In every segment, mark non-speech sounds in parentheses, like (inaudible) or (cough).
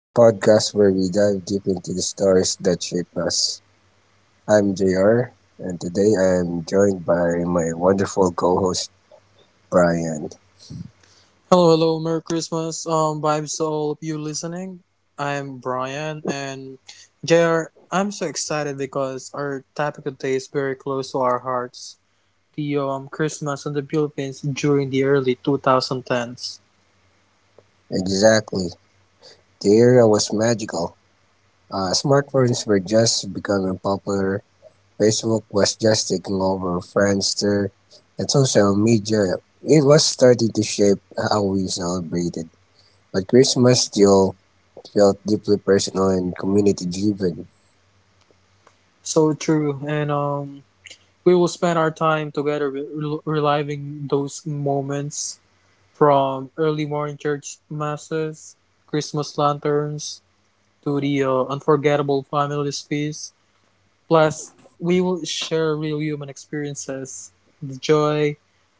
the podcast where we dive deep into the stories that shape us. I'm JR, and today I am joined by my wonderful co host, Brian. Hello, hello, Merry Christmas. Vibes to all of you listening. I'm Brian and JR. I'm so excited because our topic today is very close to our hearts. The Christmas in the Philippines during the early 2010s. Exactly. The era was magical. Smartphones were just becoming popular. Facebook was just taking over. Friendster and social media. It was starting to shape how we celebrated. But Christmas still felt deeply personal and community driven. So true, and we will spend our time together reliving those moments from early morning church masses, Christmas lanterns, to the unforgettable family feast. Plus, we will share real human experiences, the joy,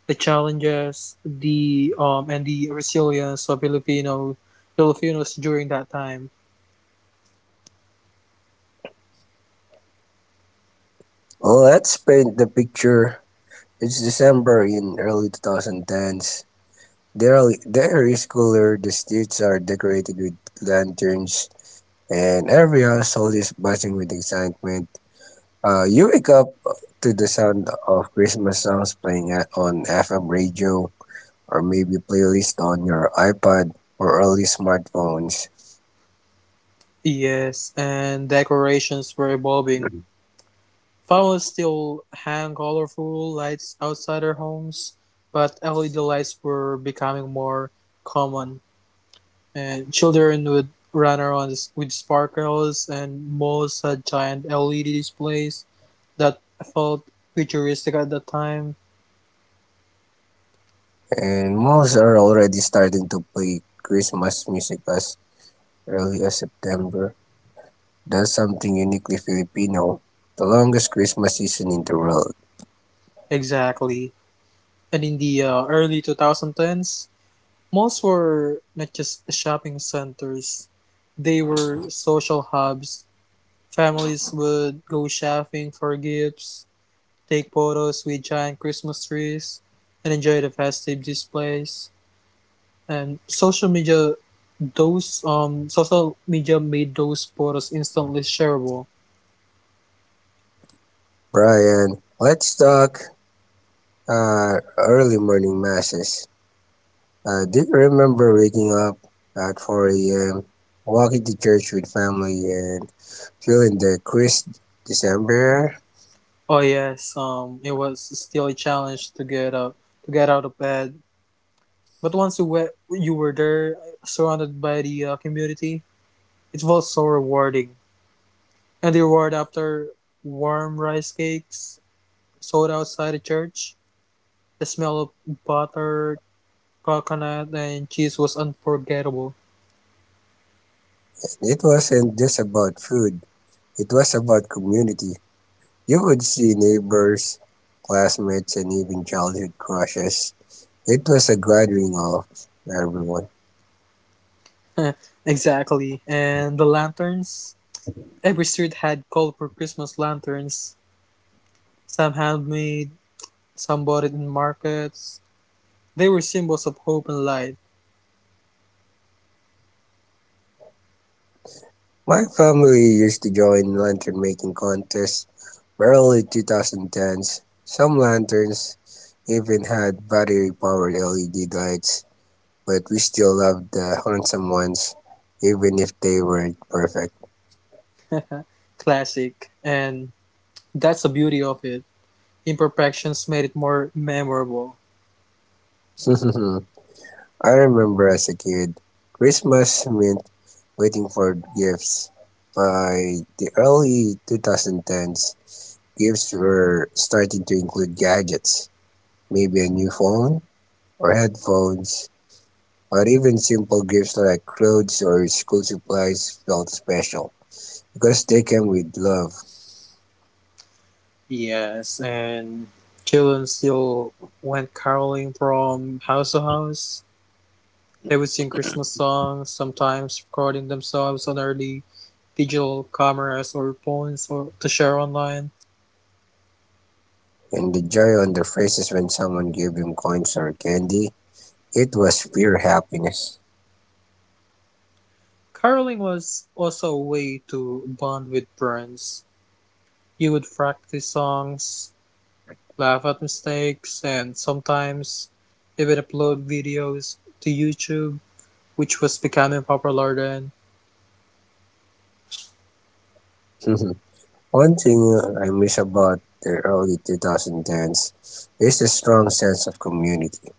the challenges, the and the resilience of Filipinos during that time. Well, let's paint the picture. It's December in early 2010s. The air is cooler, the streets are decorated with lanterns, and everyone's soul is buzzing with excitement. You wake up to the sound of Christmas songs playing on FM radio or maybe playlist on your iPad or early smartphones. Yes, and decorations were evolving. Families still hang colorful lights outside their homes, but LED lights were becoming more common, and children would run around with sparkles, and malls had giant LED displays that felt futuristic at the time. And malls are already starting to play Christmas music as early as September. That's something uniquely Filipino. The longest Christmas season in the world. Exactly. And in the early 2010s, malls were not just shopping centers, they were social hubs. Families would go shopping for gifts, take photos with giant Christmas trees, and enjoy the festive displays. And social media made those photos instantly shareable. Brian, let's talk early morning masses. I do remember waking up at 4 a.m., walking to church with family, and feeling the crisp December air. Oh yes, it was still a challenge to get out of bed. But once you were there, surrounded by the community, it was so rewarding. And the reward after: warm rice cakes sold outside the church, the smell of butter, coconut, and cheese was unforgettable. And it wasn't just about food, it was about community. You would see neighbors, classmates, and even childhood crushes. It was a gathering of everyone. (laughs) Exactly, and the lanterns. Every street had colorful Christmas lanterns, some handmade, some bought in markets. They were symbols of hope and light. My family used to join lantern making contests by early 2010s. Some lanterns even had battery powered LED lights, but we still loved the handsome ones, even if they weren't perfect. Classic, and that's the beauty of it. Imperfections made it more memorable. (laughs) I remember as a kid, Christmas meant waiting for gifts. By the early 2010s, gifts were starting to include gadgets, maybe a new phone or headphones or even simple gifts like clothes or school supplies felt special because they came with love. Yes, and children still went caroling from house to house. They would sing Christmas songs, sometimes recording themselves on early digital cameras or phones or to share online. And the joy on their faces when someone gave them coins or candy, it was pure happiness. Caroling was also a way to bond with friends. You would practice songs, laugh at mistakes, and sometimes even upload videos to YouTube, which was becoming popular then. (laughs) One thing I miss about the early 2010s is the strong sense of community.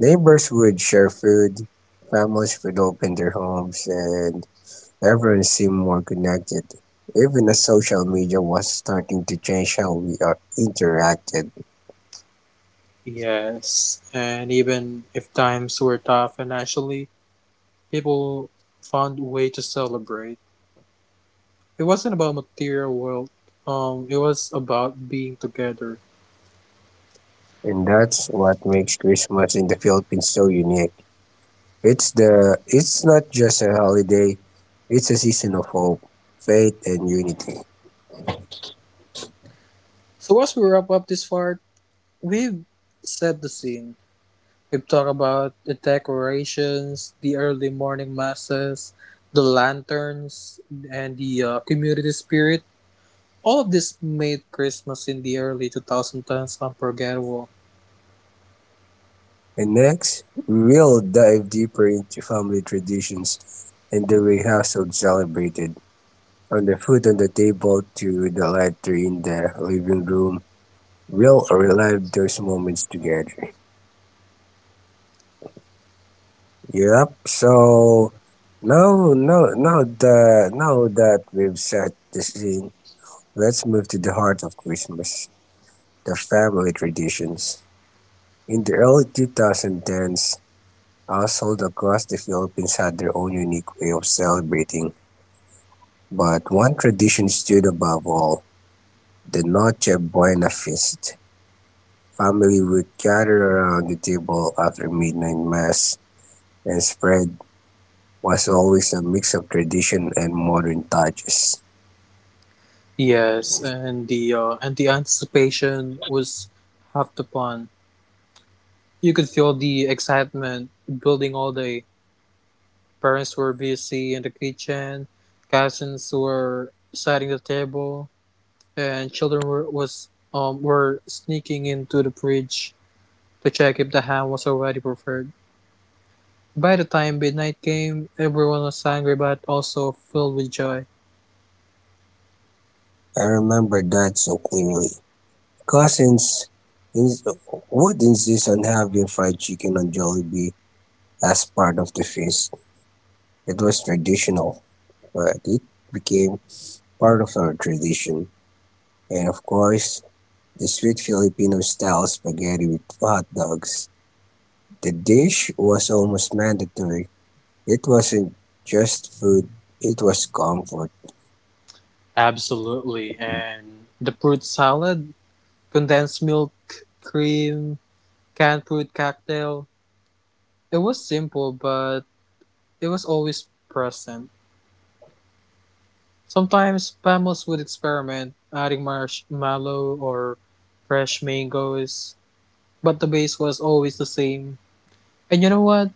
Neighbors would share food, families would open their homes, and everyone seemed more connected, even as social media was starting to change how we are interacted. Yes, and even if times were tough financially, people found a way to celebrate. It wasn't about material wealth. It was about being together. And that's what makes Christmas in the Philippines so unique. It's the it's not just a holiday, it's a season of hope, faith and unity. So as we wrap up this part, we've set the scene. We've talked about the decorations, the early morning masses, the lanterns, and the community spirit. All of this made Christmas in the early 2010s unforgettable. And next, we will dive deeper into family traditions and the way households celebrated. From the food on the table to the laughter in the living room, we'll relive those moments together. Yep, so now that we've set the scene, let's move to the heart of Christmas, the family traditions. In the early 2010s, households across the Philippines had their own unique way of celebrating, but one tradition stood above all, the Noche Buena feast. Family would gather around the table after midnight mass, and spread was always a mix of tradition and modern touches. Yes, and the anticipation was half the fun. You could feel the excitement building all day. Parents were busy in the kitchen, cousins were setting the table, and children were sneaking into the bridge to check if the ham was already prepared. By the time midnight came, everyone was hungry but also filled with joy. I remember that so clearly. Cousins ins- would insist on having fried chicken on Jollibee as part of the feast. It was traditional, but it became part of our tradition. And of course, the sweet Filipino style spaghetti with hot dogs. The dish was almost mandatory. It wasn't just food, it was comfort. Absolutely. And the fruit salad, condensed milk, cream, canned fruit cocktail. It was simple, but it was always present. Sometimes families would experiment, adding marshmallow or fresh mangoes, but the base was always the same. And you know what?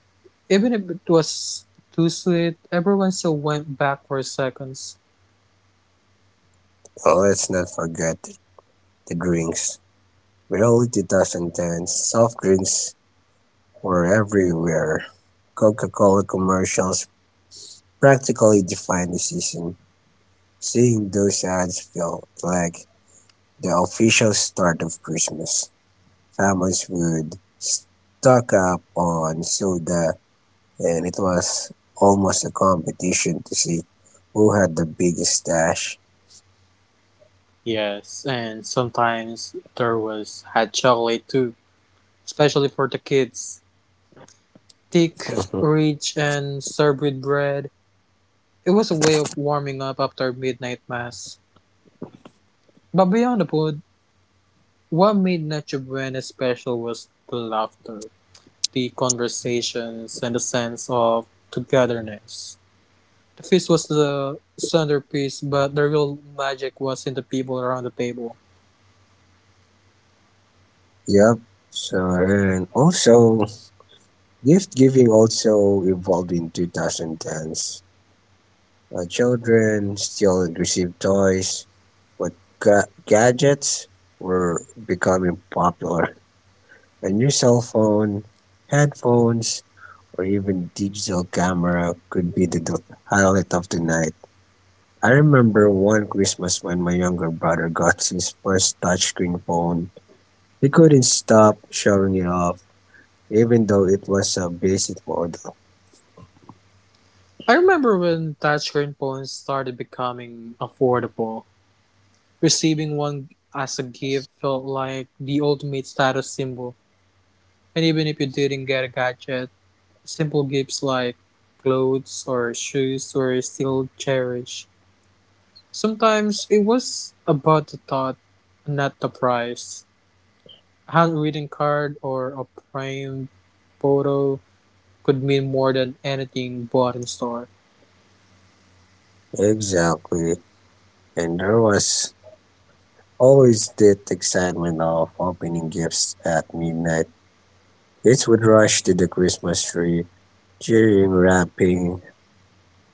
Even if it was too sweet, everyone still went back for seconds. Oh, let's not forget the drinks. By early 2010, soft drinks were everywhere. Coca Cola commercials practically defined the season. Seeing those ads felt like the official start of Christmas. How much would stock up on soda, and it was almost a competition to see who had the biggest stash. Yes, and sometimes there was hot chocolate too, especially for the kids. Thick, rich, and served with bread. It was a way of warming up after midnight mass. But beyond the food, what made Noche Buena special was the laughter, the conversations, and the sense of togetherness. The feast was the centerpiece, but the real magic was in the people around the table. Yep. So and also gift giving also evolved in 2010s. Children still received toys, but gadgets were becoming popular. A new cell phone, headphones, or even digital camera could be the highlight of the night. I remember one Christmas when my younger brother got his first touchscreen phone. He couldn't stop showing it off, even though it was a basic model. I remember when touchscreen phones started becoming affordable. Receiving one as a gift felt like the ultimate status symbol. And even if you didn't get a gadget, simple gifts like clothes or shoes were still cherished. Sometimes it was about the thought, not the price. A handwritten card or a framed photo could mean more than anything bought in store. Exactly. And there was always that excitement of opening gifts at midnight. Kids would rush to the Christmas tree, cheering, wrapping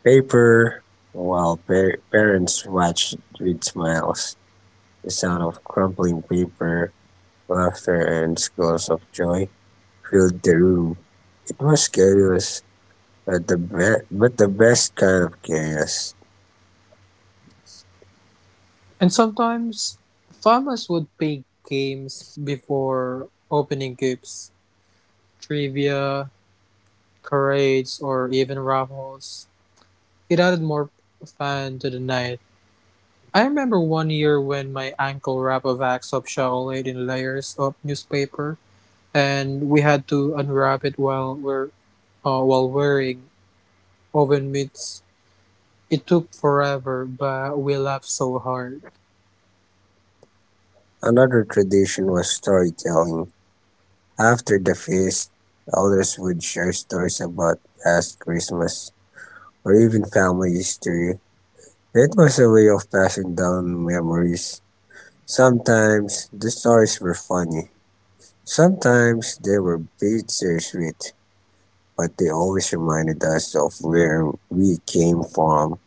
paper, while parents watched with smiles. The sound of crumpling paper, laughter, and squeals of joy filled the room. It was chaos, but but the best kind of chaos. And sometimes farmers would play games before opening gifts: trivia, charades, or even raffles. It added more fun to the night. I remember one year when my uncle wrapped a box of chocolate in layers of newspaper, and we had to unwrap it while we're while wearing oven mitts. It took forever, but we laughed so hard. Another tradition was storytelling. After the feast, elders would share stories about past Christmas or even family history. It was a way of passing down memories. Sometimes the stories were funny. Sometimes they were bittersweet, but they always reminded us of where we came from.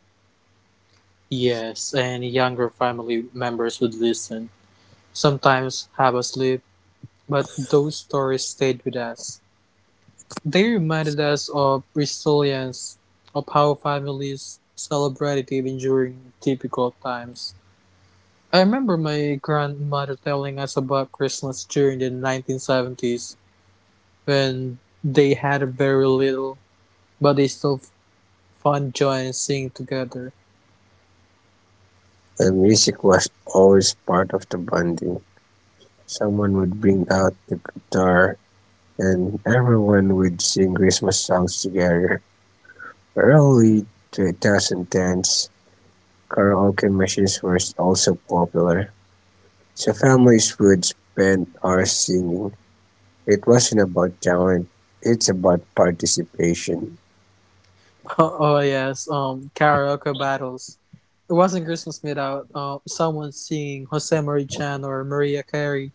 Yes, and younger family members would listen, sometimes have us sleep, but those stories stayed with us. They reminded us of resilience, of how families celebrated even during difficult times. I remember my grandmother telling us about Christmas during the 1970s when they had very little, but they still found joy in singing together. And music was always part of the bonding. Someone would bring out the guitar, and everyone would sing Christmas songs together. Early 2010s, karaoke machines were also popular, so families would spend hours singing. It wasn't about talent, it's about participation. (laughs) Oh, yes, karaoke battles. It wasn't Christmas without someone singing Jose Marie Chan or Maria Carey,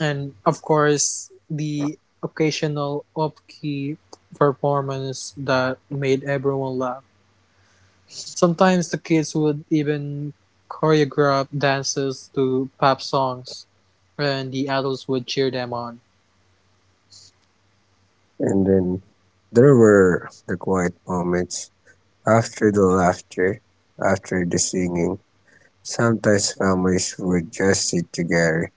and of course the occasional upkey performance that made everyone laugh. Sometimes the kids would even choreograph dances to pop songs, and the adults would cheer them on. And then there were the quiet moments. After the laughter, after the singing, sometimes families would just sit together,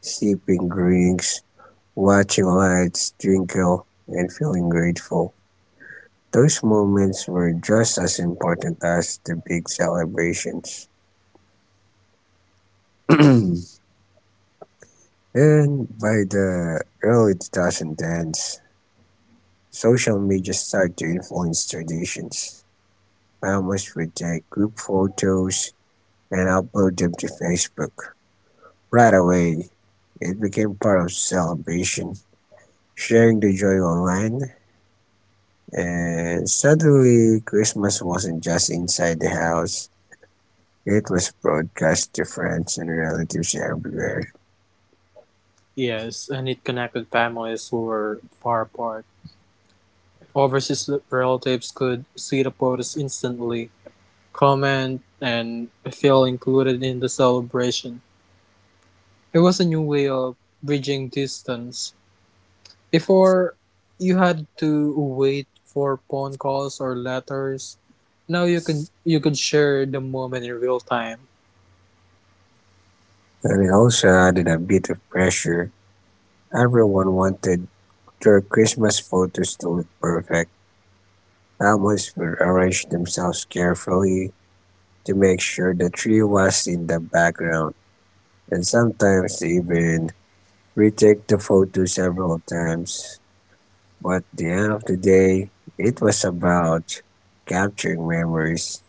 sipping drinks, watching lights twinkle, and feeling grateful. Those moments were just as important as the big celebrations. (clears throat) And by the early 2010s, social media started to influence traditions. Families would take group photos and upload them to Facebook right away. It became part of celebration, sharing the joy online, and suddenly Christmas wasn't just inside the house. It was broadcast to friends and relatives everywhere. Yes, and it connected families who were far apart. Overseas relatives could see the photos instantly, comment, and feel included in the celebration. It was a new way of bridging distance. Before, you had to wait for phone calls or letters. Now you could share the moment in real time. And it also added a bit of pressure. Everyone wanted their Christmas photos to look perfect. Families would arrange themselves carefully to make sure the tree was in the background. And sometimes they even retook the photo several times, but at the end of the day, it was about capturing memories.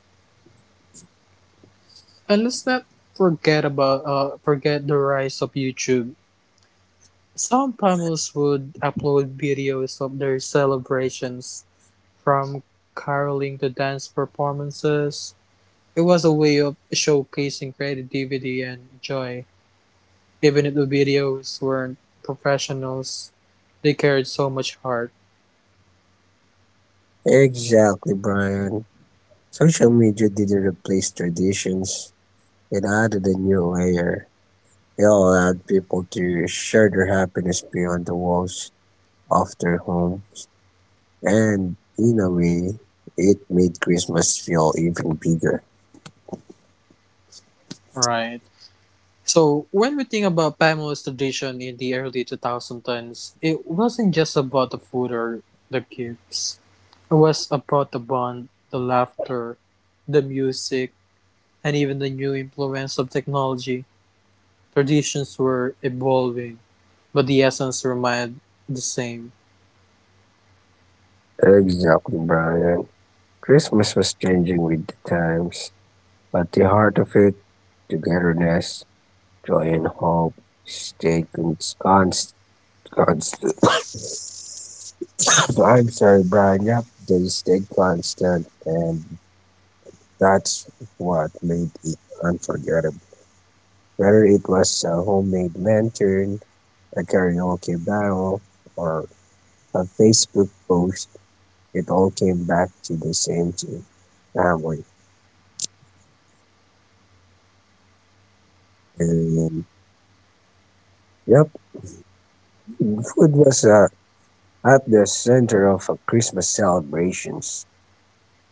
And let's not forget the rise of YouTube. Some families would upload videos of their celebrations. From caroling to dance performances, it was a way of showcasing creativity and joy. Even if the videos weren't professionals, they carried so much heart. Exactly, Brian. Social media didn't replace traditions, it added a new layer. It allowed people to share their happiness beyond the walls of their home, and in a way, it made Christmas feel even bigger. Right. So when we think about Pamela's tradition in the early 2010s, it wasn't just about the food or the gifts. It was about the bond, the laughter, the music, and even the new influence of technology. Traditions were evolving, but the essence remained the same. Exactly, Brian. Christmas was changing with the times. But the heart of it, togetherness, joy, and hope, constant. (coughs) I'm sorry, Brian. Yep, they stayed constant, and that's what made it unforgettable. Whether it was a homemade lantern, a karaoke battle, or a Facebook post, it all came back to the same thing, family. And yep, food was a at the center of a Christmas celebrations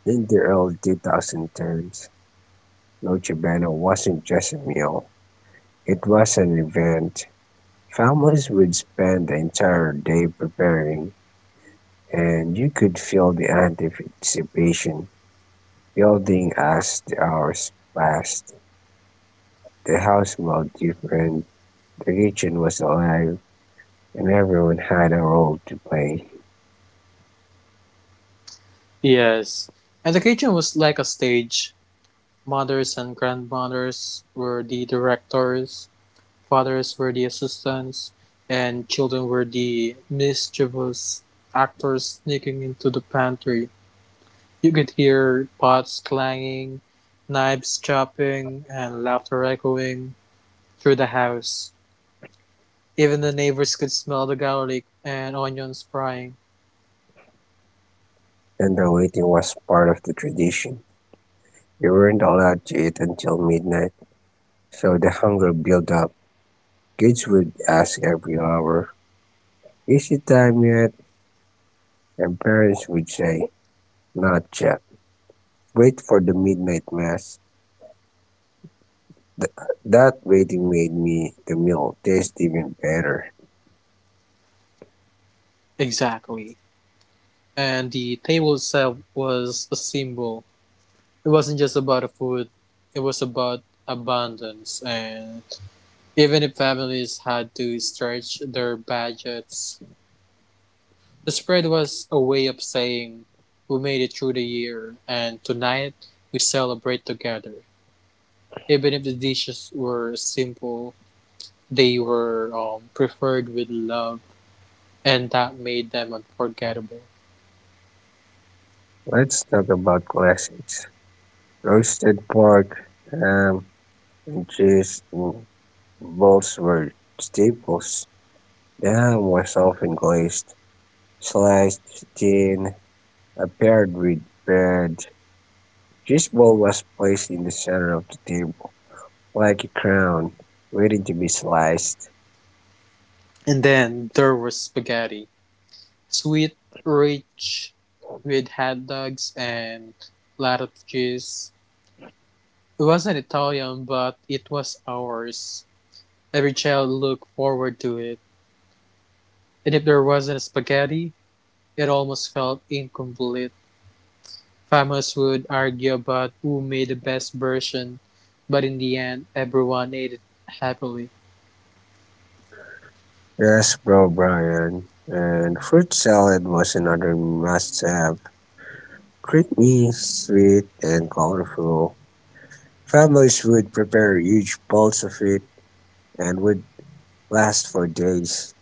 in the early 2010s. Noche Buena wasn't just a meal, it was an event. Families would spend the entire day preparing, and you could feel the anticipation building as the hours passed. The house smelled different, the kitchen was alive, and everyone had a role to play, Yes. And the kitchen was like a stage. Mothers and grandmothers were the directors, fathers were the assistants, and children were the mischievous actors sneaking into the pantry. You could hear pots clanging, knives chopping, and laughter echoing through the house. Even the neighbors could smell the garlic and onions frying. and the waiting was part of the tradition. You weren't allowed to eat until midnight, so the hunger built up. Kids would ask every hour, "Is it time yet?" And parents would say, "Not yet. Wait for the midnight mass." Th- that waiting made me the meal taste even better. Exactly. And the table itself was a symbol. It wasn't just about the food, it was about abundance. And even if families had to stretch their budgets, the spread was a way of saying we made it through the year, and tonight we celebrate together. Even if the dishes were simple, they were preferred with love, and that made them unforgettable. Let's talk about classics. Roasted pork, ham, and cheese in bowls were staples. The ham was often glazed, sliced thin, and paired with bread. This ball was placed in the center of the table, like a crown, waiting to be sliced. And then there was spaghetti. Sweet, rich, with hot dogs and lot of cheese. It wasn't Italian, but it was ours. Every child looked forward to it. And if there wasn't spaghetti, it almost felt incomplete. Families would argue about who made the best version, but in the end, everyone ate it happily. Yes, bro, Brian. And fruit salad was another must have. Creamy, sweet, and colorful. Families would prepare huge bowls of it and would last for days.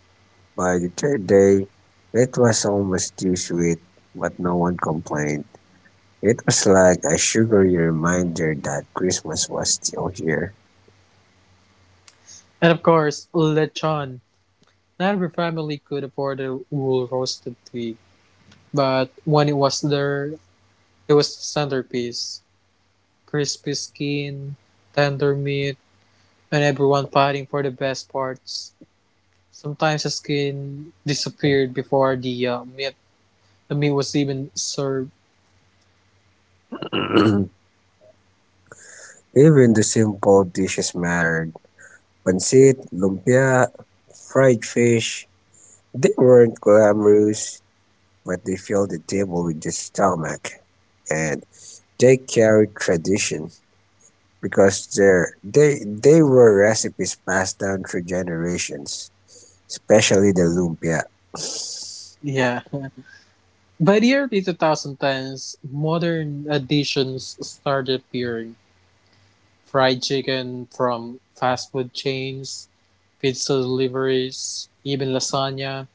By the third day, it was almost too sweet, but no one complained. It was like a sugary reminder that Christmas was still here. And of course, lechon. Not every family could afford a whole roasted pig, but when it was there, it was the centerpiece. Crispy skin, tender meat, and everyone fighting for the best parts. Sometimes the skin disappeared before the meat. The meat was even served. (clears throat) Even the simple dishes mattered. Pancit, lumpia, fried fish. They weren't glamorous, but they filled the table with the stomach. And they carried tradition because they were recipes passed down through generations, especially the lumpia. Yeah. By the early 2010s, modern additions started appearing. Fried chicken from fast food chains, pizza deliveries, even lasagna.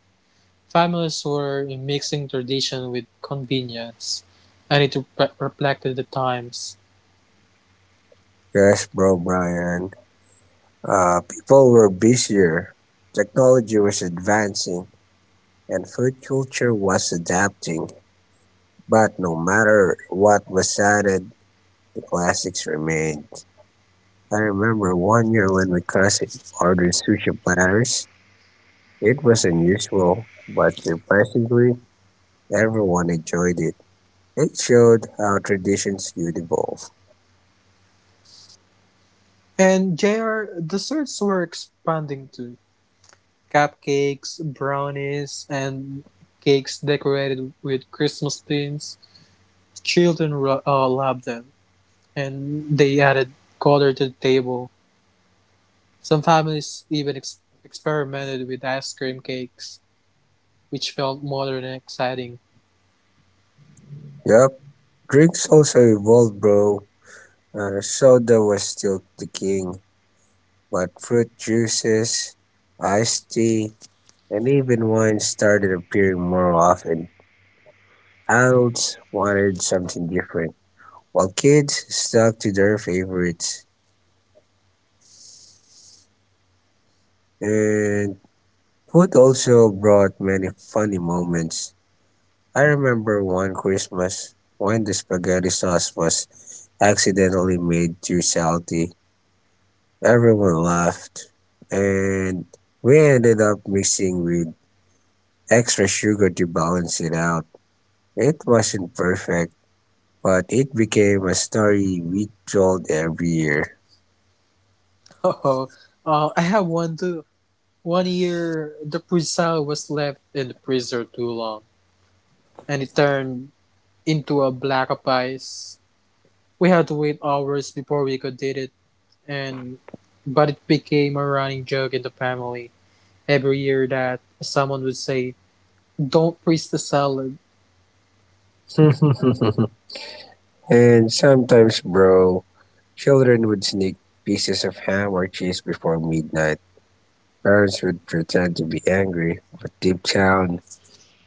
Families were mixing tradition with convenience, and it reflected the times. Yes, bro, Brian. People were busier, technology was advancing, and food culture was adapting. But no matter what was added, the classics remained. I remember one year when my cousin ordered sushi platters. It was unusual, but surprisingly, everyone enjoyed it. It showed how traditions could evolve. And JR, desserts were expanding too. Cupcakes, brownies, and cakes decorated with Christmas themes. Children loved them, and they added color to the table. Some families even experimented with ice cream cakes, which felt modern and exciting. (laughs) Yup, drinks also evolved, bro. Soda was still the king, but fruit juices, iced tea, and even wine started appearing more often. Adults wanted something different, while kids stuck to their favorites. And food also brought many funny moments. I remember one Christmas when the spaghetti sauce was accidentally made too salty. Everyone laughed, and we ended up mixing with extra sugar to balance it out. It wasn't perfect, but it became a story we told every year. Oh, I have one too. One year, the puzzle was left in the freezer too long, and it turned into a block of ice. We had to wait hours before we could did it and but it became a running joke in the family every year that someone would say, "Don't freeze the salad," (laughs) And sometimes, bro, children would sneak pieces of ham or cheese before midnight. Parents would pretend to be angry, but deep down,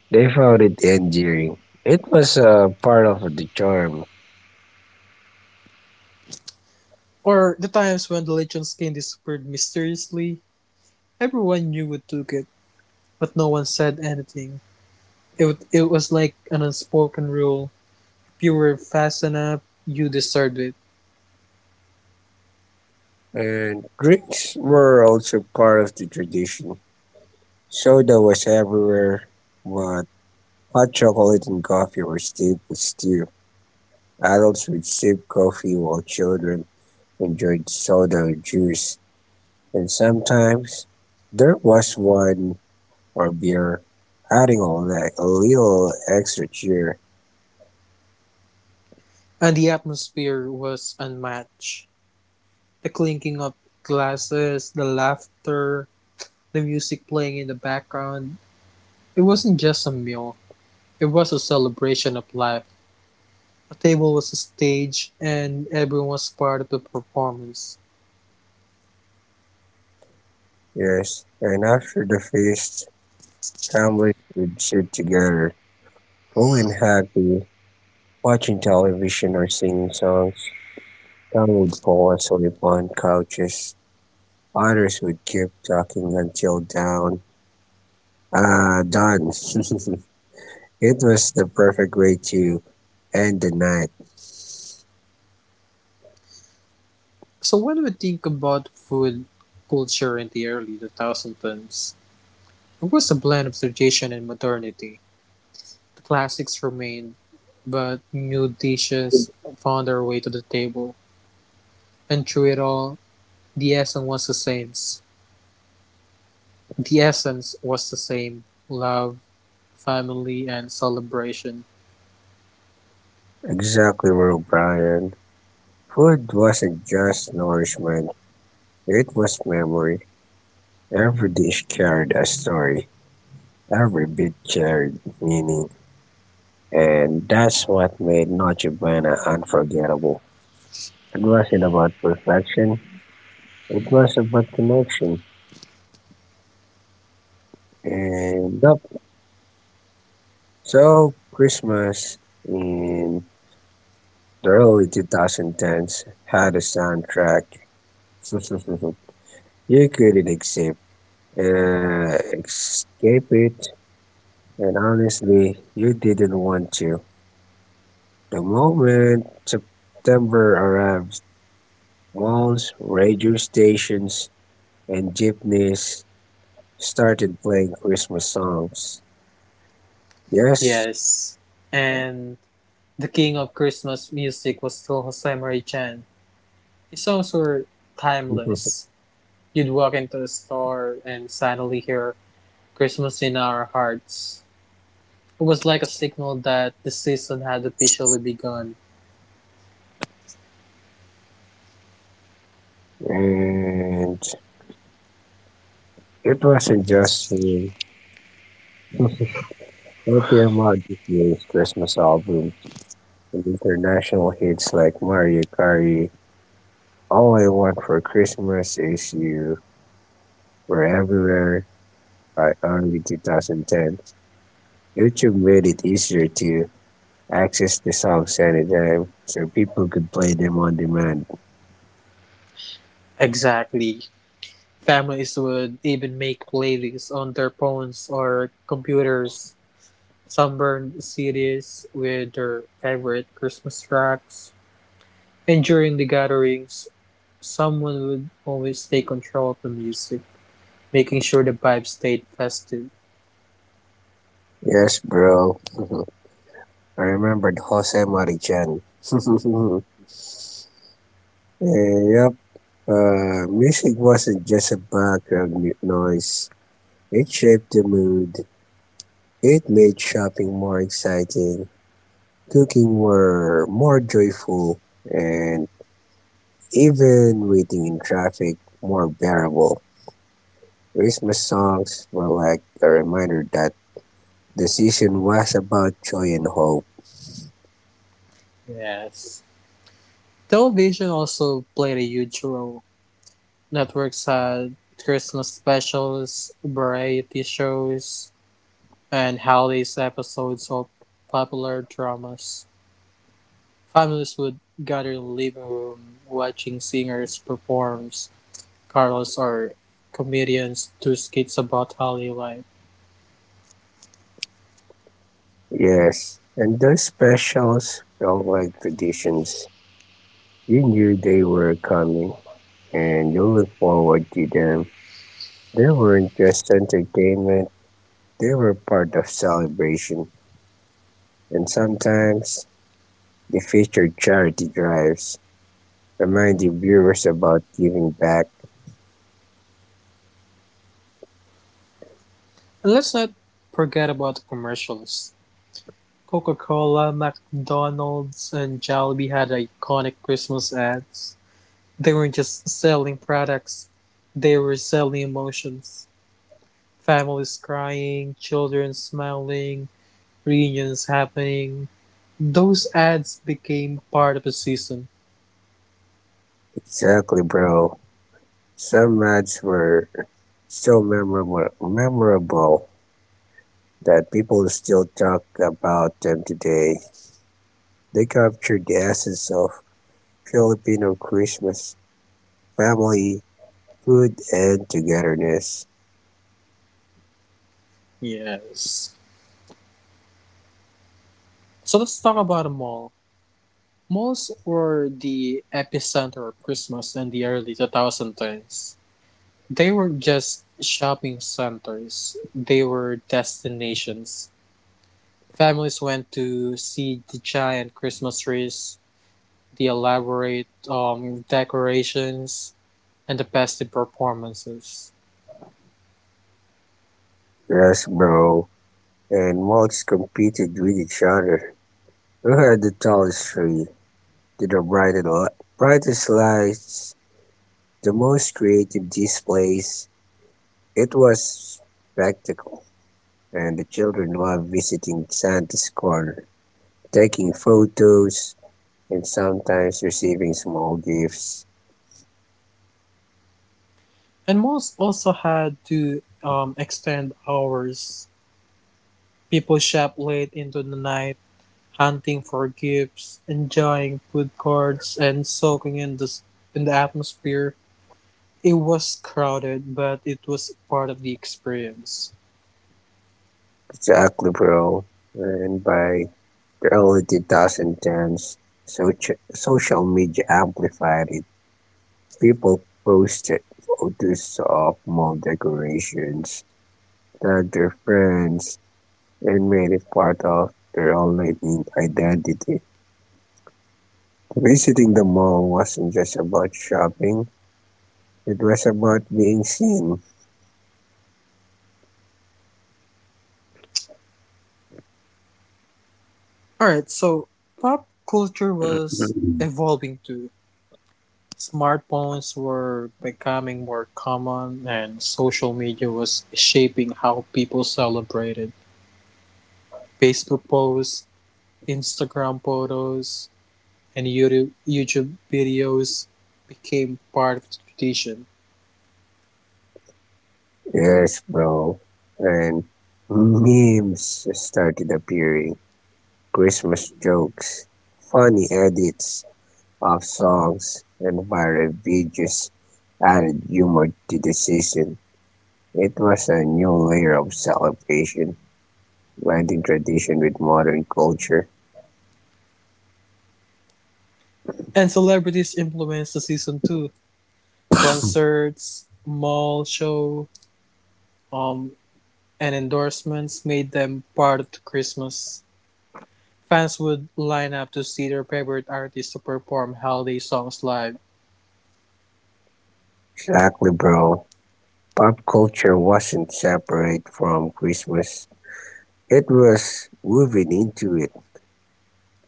they found it endearing. It was a part of the charm. or the times when the lechon skin disappeared mysteriously, everyone knew who took it, but no one said anything. It was like an unspoken rule. If you were fast enough, you deserved it. And drinks were also part of the tradition. Soda was everywhere, but hot chocolate and coffee were staples too. Adults would sip coffee while children enjoyed soda or juice, and sometimes there was wine or beer, adding all that a little extra cheer. And the atmosphere was unmatched. The clinking of glasses, the laughter, the music playing in the background, it wasn't just a meal, it was a celebration of life. A table was a stage, and everyone was part of the performance. Yes, and after the feast, families would sit together, full and happy, watching television or singing songs. Some would fall asleep on couches, others would keep talking until done. (laughs) It was the perfect way to end the night. So when we think about food culture in the early 2000s, it was a blend of tradition and modernity. The classics remained, but new dishes found their way to the table. And through it all, the essence was the same. The essence was the same. Love, family and celebration. Exactly, Will Brian. Food wasn't just nourishment, it was memory. Every dish carried a story, every bit carried meaning, and that's what made Noche Buena unforgettable. It wasn't about perfection, it was about connection. And yep, so Christmas in the early 2010s had a soundtrack. (laughs) You couldn't uh, escape it, and honestly, you didn't want to. The moment September arrived, malls, radio stations, and jeepneys started playing Christmas songs. Yes, Yes. And the king of Christmas music was still Jose Marie Chan. His songs were (laughs) it was, timeless. You'd walk into a store and suddenly hear Christmas in our hearts. It was like a signal that the season had officially begun. and it wasn't just a Happy Ahmad this year's Christmas albums and international hits like Mario Kart, All I Want for Christmas Is You, were everywhere by early 2010. YouTube made it easier to access the songs anytime, so people could play them on demand. Exactly. Families would even make playlists on their phones or computers. Some burned CDs with their favorite Christmas tracks. And during the gatherings, someone would always take control of the music, making sure the vibe stayed festive. Yes, bro. (laughs) I remembered Jose Marichan. (laughs) Eh, yep. Music wasn't just a noise. It shaped the mood. It made shopping more exciting, cooking were more joyful, and even waiting in traffic more bearable. Christmas songs were like a reminder that the season was about joy and hope. Yes. Television also played a huge role. Networks had Christmas specials, variety shows, and holidays episodes of popular dramas. Families would gather in the living room watching singers perform carols or comedians do skits about holiday life. Yes, and those specials felt like traditions. You knew they were coming, and you looked forward to them. They weren't just entertainment, they were part of celebration. And sometimes the featured charity drives, reminding viewers about giving back. And let's not forget about commercials. Coca-Cola, McDonald's, and Jollibee had iconic Christmas ads. They weren't just selling products, they were selling emotions. Families crying, children smiling, reunions happening. Those ads became part of the season. Exactly, bro. Some ads were so memorable that people still talk about them today. They captured the essence of Filipino Christmas, family, food, and togetherness. Yes. So let's talk about a mall. Malls were the epicenter of Christmas in the early 2010s. They were just shopping centers, they were destinations. Families went to see the giant Christmas trees, the elaborate decorations, and the festive performances. Yes, bro. And malls competed with each other. Who had the tallest tree? Did the brightest lights? The most creative displays, it was spectacle, and the children loved visiting Santa's corner, taking photos, and sometimes receiving small gifts. And malls also had to extend hours. People shop late into the night, hunting for gifts, enjoying food carts, and soaking in the atmosphere. It was crowded, but it was part of the experience. Jack Liberal, and by the early 2010s, social media amplified it. People posted photos of mall decorations, tagged their friends, and made it part of their online identity. Visiting the mall wasn't just about shopping, it was about being seen. All right, so pop culture was (laughs) evolving too. Smartphones were becoming more common, and social media was shaping how people celebrated. Facebook posts, Instagram photos, and YouTube videos became part of the tradition. Yes, bro. And memes started appearing, Christmas jokes, funny edits of songs, and viral videos added humor to the season. It was a new layer of celebration, blending tradition with modern culture. And celebrities influenced the season too. Concerts, mall show, um, and endorsements made them part of the Christmas. Fans would line up to see their favorite artists to perform holiday songs live. Exactly, bro. Pop culture wasn't separate from Christmas. It was woven into it.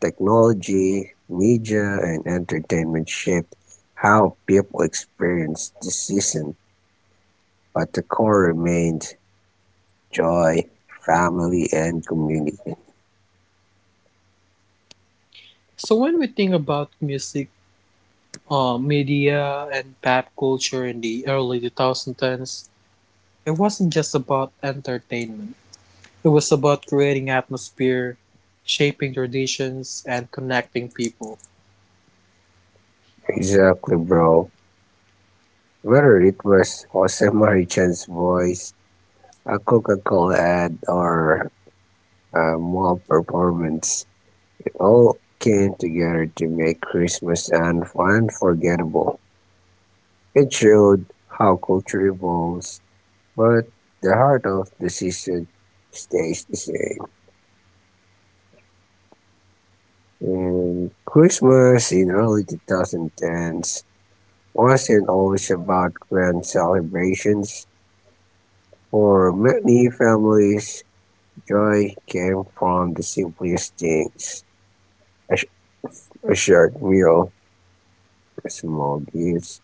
Technology, media, and entertainment shaped how people experienced the season, but the core remained joy, family, and community. So when we think about music, media, and pop culture in the early 2010s, it wasn't just about entertainment. It was about creating atmosphere, shaping traditions, and connecting people. Exactly, bro. Whether it was Jose (laughs) Marichan's voice, a Coca Cola ad, or a mall performance, all came together to make unforgettable. It showed how culture evolves, but the heart of the season stays the same. And Christmas in early 2010s wasn't always about grand celebrations. For many families, joy came from the simplest things, a, sh- a short meal, a small gifts,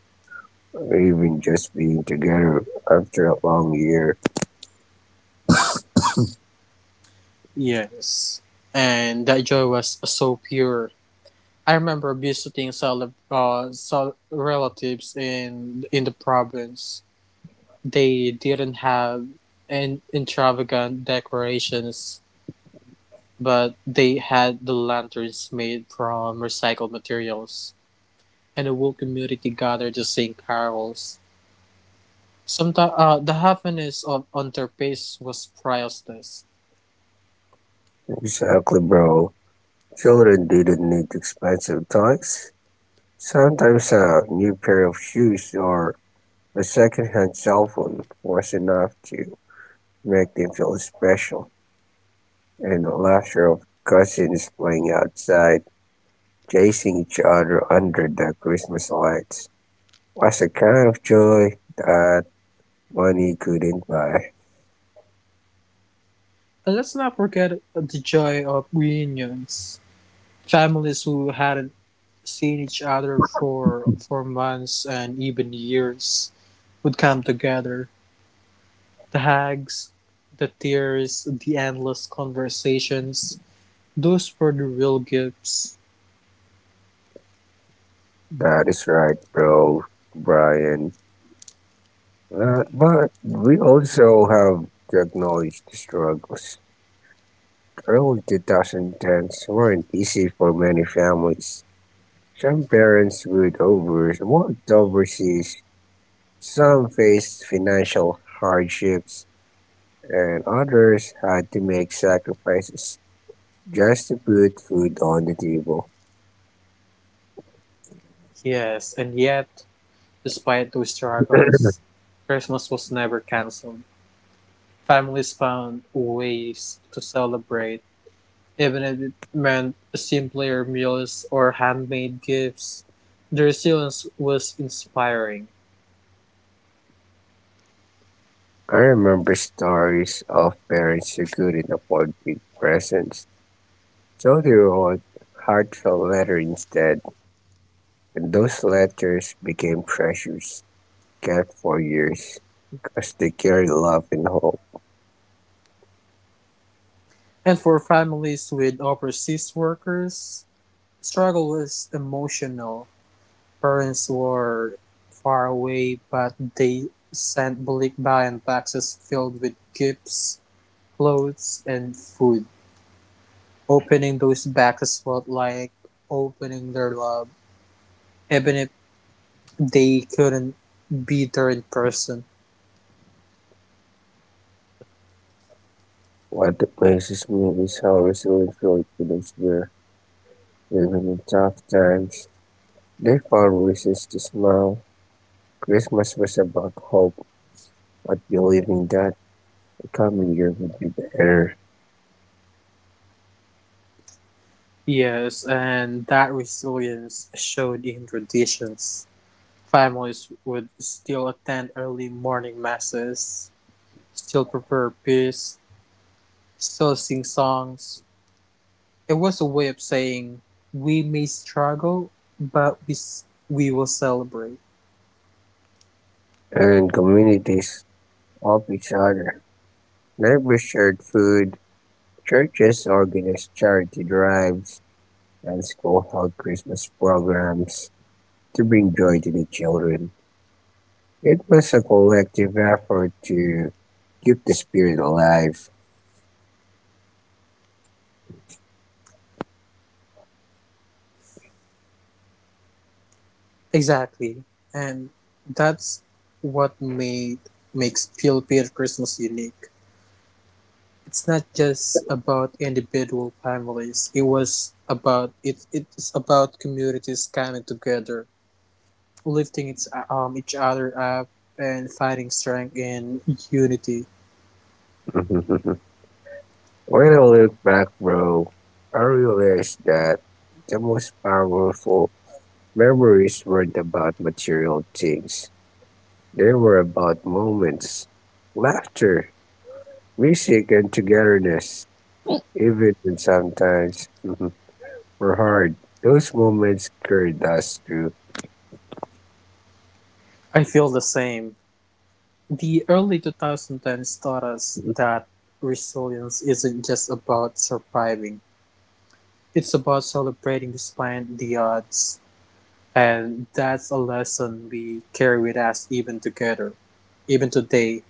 or even just being together after a long year. Yes. And that joy was so pure. I remember visiting relatives in the province. They didn't have an extravagant decorations, but they had the lanterns made from recycled materials, and the whole community gathered to sing carols. Sometimes the happiness of on their faces was priceless. Exactly, bro. Children didn't need expensive toys. Sometimes a new pair of shoes or a second-hand cell phone was enough to make them feel special, and the laughter of cousins playing outside, chasing each other under the Christmas lights was a kind of joy that money couldn't buy. And let's not forget the joy of reunions. Families who hadn't seen each other for months and even years would come together. The hugs, the tears, the endless conversations, those were the real gifts. That is right, bro, Brian. But we also have to acknowledge the struggles. The early 2010s weren't easy for many families. Some parents would over worked overseas, some faced financial hardships, and others had to make sacrifices just to put food on the table. Yes, and yet, despite those struggles, Christmas was never cancelled. Families found ways to celebrate, even if it meant simpler meals or handmade gifts. The resilience was inspiring. I remember stories of parents who couldn't afford big presents, so they wrote heartfelt letters instead, and those letters became treasures kept for years because they carried love and hope. And for families with overseas workers, struggle was emotional. Parents were far away, but they sent bulk buying boxes filled with gifts, clothes, and food. Opening those boxes felt like opening their love, even if they couldn't be there in person. What amazes me is how resilient Filipinos were, even in tough times. They found reasons to smile. Christmas was about hope, but believing that the coming year would be better. Yes, and that resilience showed in traditions. Families would still attend early morning masses, still prepare peas, still sing songs. It was a way of saying, we may struggle, but we will celebrate. And communities of each other, neighbors shared food, churches organized charity drives, and school held Christmas programs to bring joy to the children. It was a collective effort to keep the spirit alive. Exactly. And that's what made makes Philippine Christmas unique. It's not just about individual families. It was about it. It's about communities coming together, lifting each other up, and fighting strength and unity. (laughs) When I look back, bro, I realized that the most powerful memories weren't about material things. They were about moments, laughter, music and togetherness, even when sometimes were hard. Those moments carried us through. I feel the same. The early 2010s taught us Mhm. that resilience isn't just about surviving, it's about celebrating despite the odds. And that's a lesson we carry with us even today.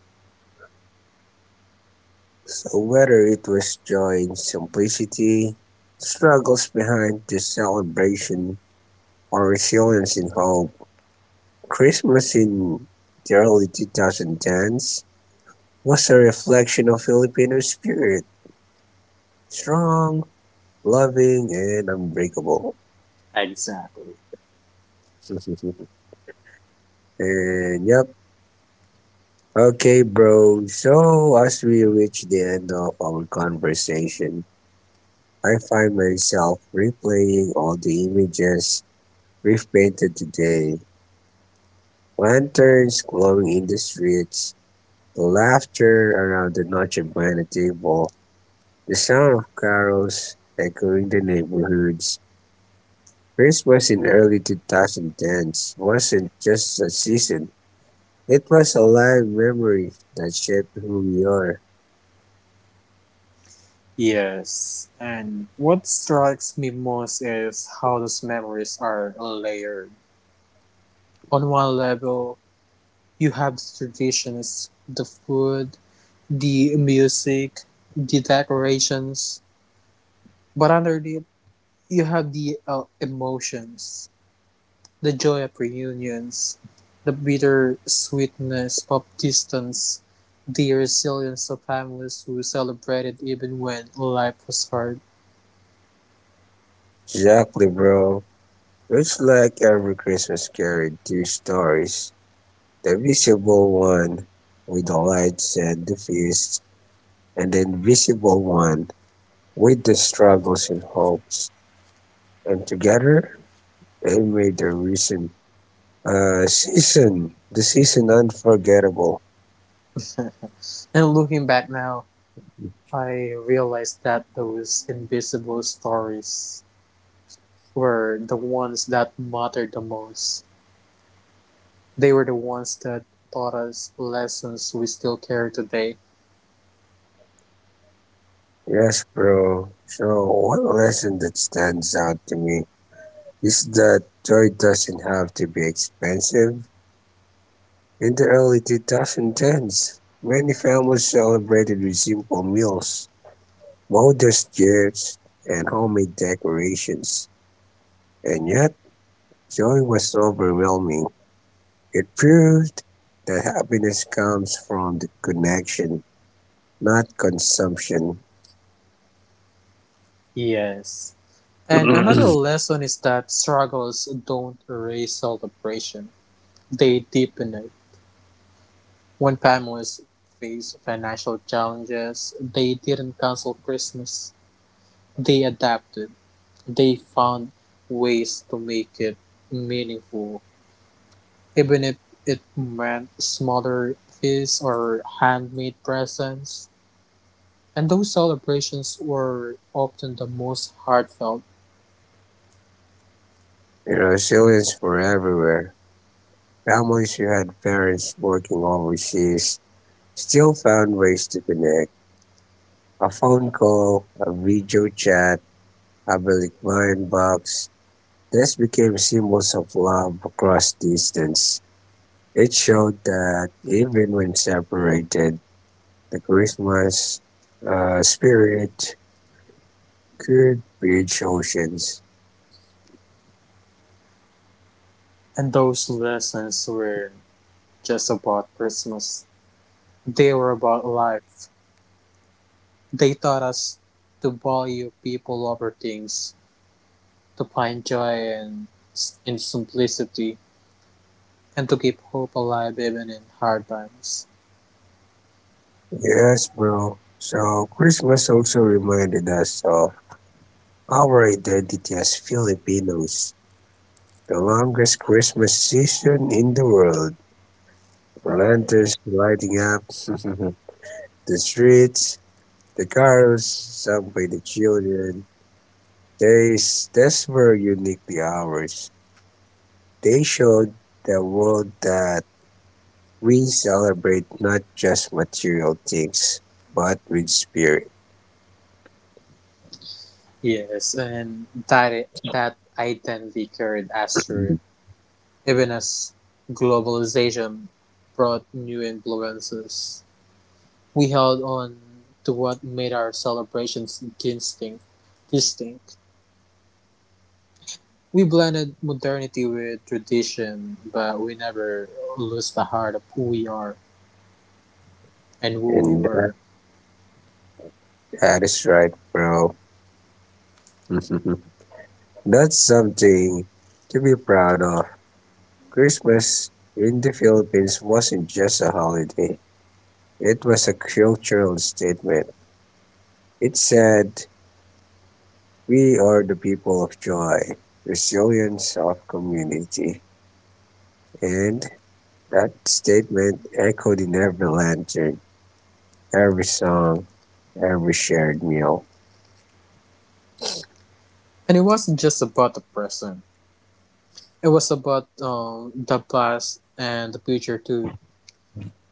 So whether it was joy in simplicity, struggles behind the celebration, or resilience in hope, Christmas in the early 2010s was a reflection of Filipino spirit, strong, loving, and unbreakable. Exactly. (laughs) And yep, okay, bro. So, as we reach the end of our conversation, I find myself replaying all the images we've painted today, lanterns glowing in the streets, the laughter around the Noche Buena table, the sound of carols echoing the neighborhoods. Christmas in early 2010s wasn't just a season, it was a live memory that shaped who we are. Yes. And what strikes me most is how those memories are layered. On one level, you have the traditions, the food, the music, the decorations, but underneath you have the emotions, the joy of reunions, the bitter sweetness of distance, the resilience of families who celebrated even when life was hard. Exactly, bro. It's like every Christmas carried two stories. The visible one with the lights and the feast, and the invisible one with the struggles and hopes. And together, they made the recent season, the season unforgettable. (laughs) And looking back now, I realized that those invisible stories were the ones that mattered the most. They were the ones that taught us lessons we still carry today. Yes, bro. So, one lesson that stands out to me is that joy doesn't have to be expensive. In the early 2010s, many families celebrated with simple meals, modest gifts, and homemade decorations. And yet, joy was overwhelming. It proved that happiness comes from the connection, not consumption. Yes. (clears throat) And another And lesson is that struggles don't erase celebration, they deepen it. When families face financial challenges, they didn't cancel Christmas, they adapted. They found ways to make it meaningful, even if it meant smaller feasts or handmade presents. And those celebrations were often the most heartfelt. resilience were everywhere. Families who had parents working overseas still found ways to connect. A phone call, a video chat, public bucks. These became symbols of love across distance. It showed that even when separated, the Christmas spirit could bridge oceans. And those lessons were just about Christmas. They were about life. They taught us to value people over things, to find joy in simplicity, and to keep hope alive even in hard times. Yes, bro. So Christmas also reminded us of our identity as Filipinos. The longest Christmas season in the world. Right. Lanterns lighting up (laughs) the streets, the carols sung by the children, these were uniquely ours. They showed the world that we celebrate not just material things, but with spirit. Yes, and that identity carried us Mhm. through, even as globalization brought new influences. We held on to what made our celebrations distinct. distinct. We blended modernity with tradition, but we never lost the heart of who we are and who we And that, were. that is right, bro. (laughs) That's something to be proud of. Christmas in the Philippines wasn't just a holiday, it was a cultural statement. It said, we are the people of joy, resilience of community. And that statement echoed in every lantern, every song, every shared meal. And it wasn't just about the present, it was about the past and the future too.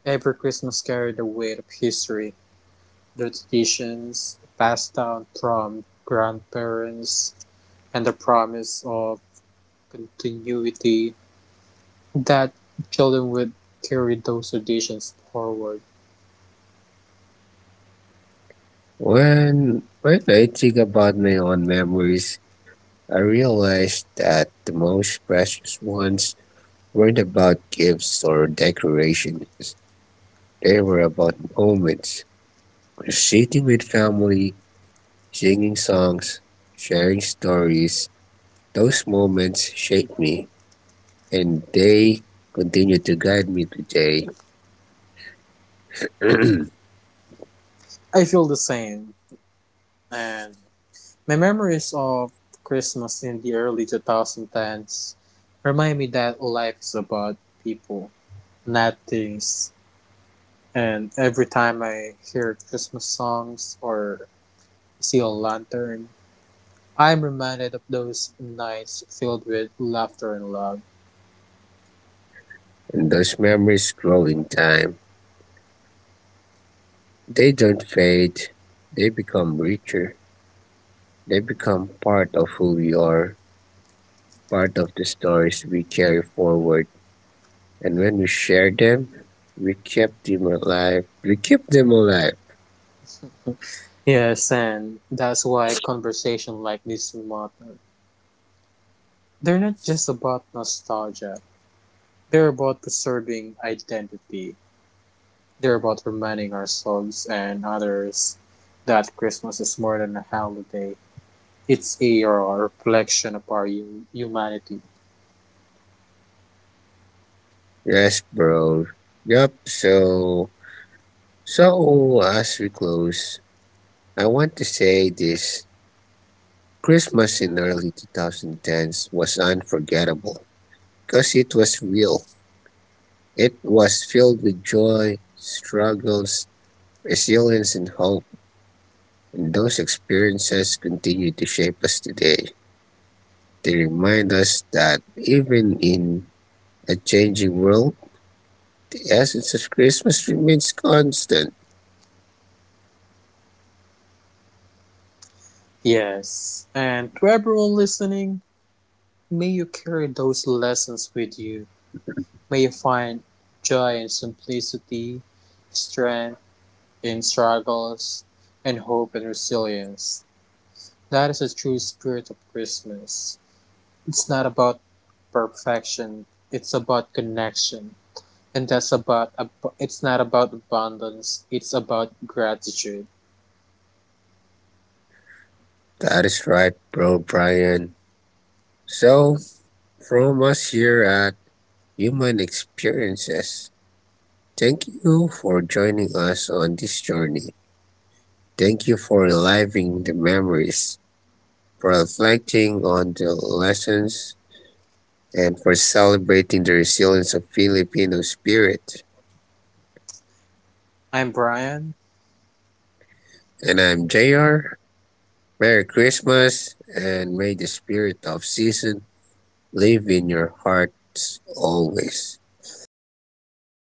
Every Christmas carried the weight of history, the traditions passed down from grandparents, and the promise of continuity that children would carry those traditions forward. When I think about my own memories, I realized that the most precious ones weren't about gifts or decorations. They were about moments, sitting with family, singing songs, sharing stories. Those moments shaped me, and they continue to guide me today. (clears throat) And I feel the same, and my memories of Christmas in the early 2010s remind me that life is about people, not things. And every time I hear Christmas songs or see a lantern, I'm reminded of those nights filled with laughter and love. those memories grow in time. They don't fade, they become richer. They become part of who we are, part of the stories we carry forward. And when we share them, we keep them alive. We keep them alive. Yes, and that's why conversation like this matter. They're not just about nostalgia. They're about preserving identity. They're about reminding ourselves and others that Christmas is more than a holiday. It's a reflection of our humanity. Yes, bro. Yup, so, so as we close, I want to say this: Christmas in early 2010s was unforgettable because it was real. It was filled with joy, struggles, resilience, and hope. And those experiences continue to shape us today. They remind us that even in a changing world, the essence of Christmas remains constant. Yes. And to everyone listening, may you carry those lessons with you. May you find joy in simplicity, strength in struggles, and hope and resilience. That is the true spirit of Christmas. It's not about perfection, it's about connection. And that's about it's not about abundance, it's about gratitude. That is right, bro, Brian. So, from us here at Human Experiences, thank you for joining us on this journey. Thank you for reliving the memories, for reflecting on the lessons, and for celebrating the resilience of Filipino spirit. I'm Brian. And I'm JR. Merry Christmas, and may the spirit of season live in your hearts always.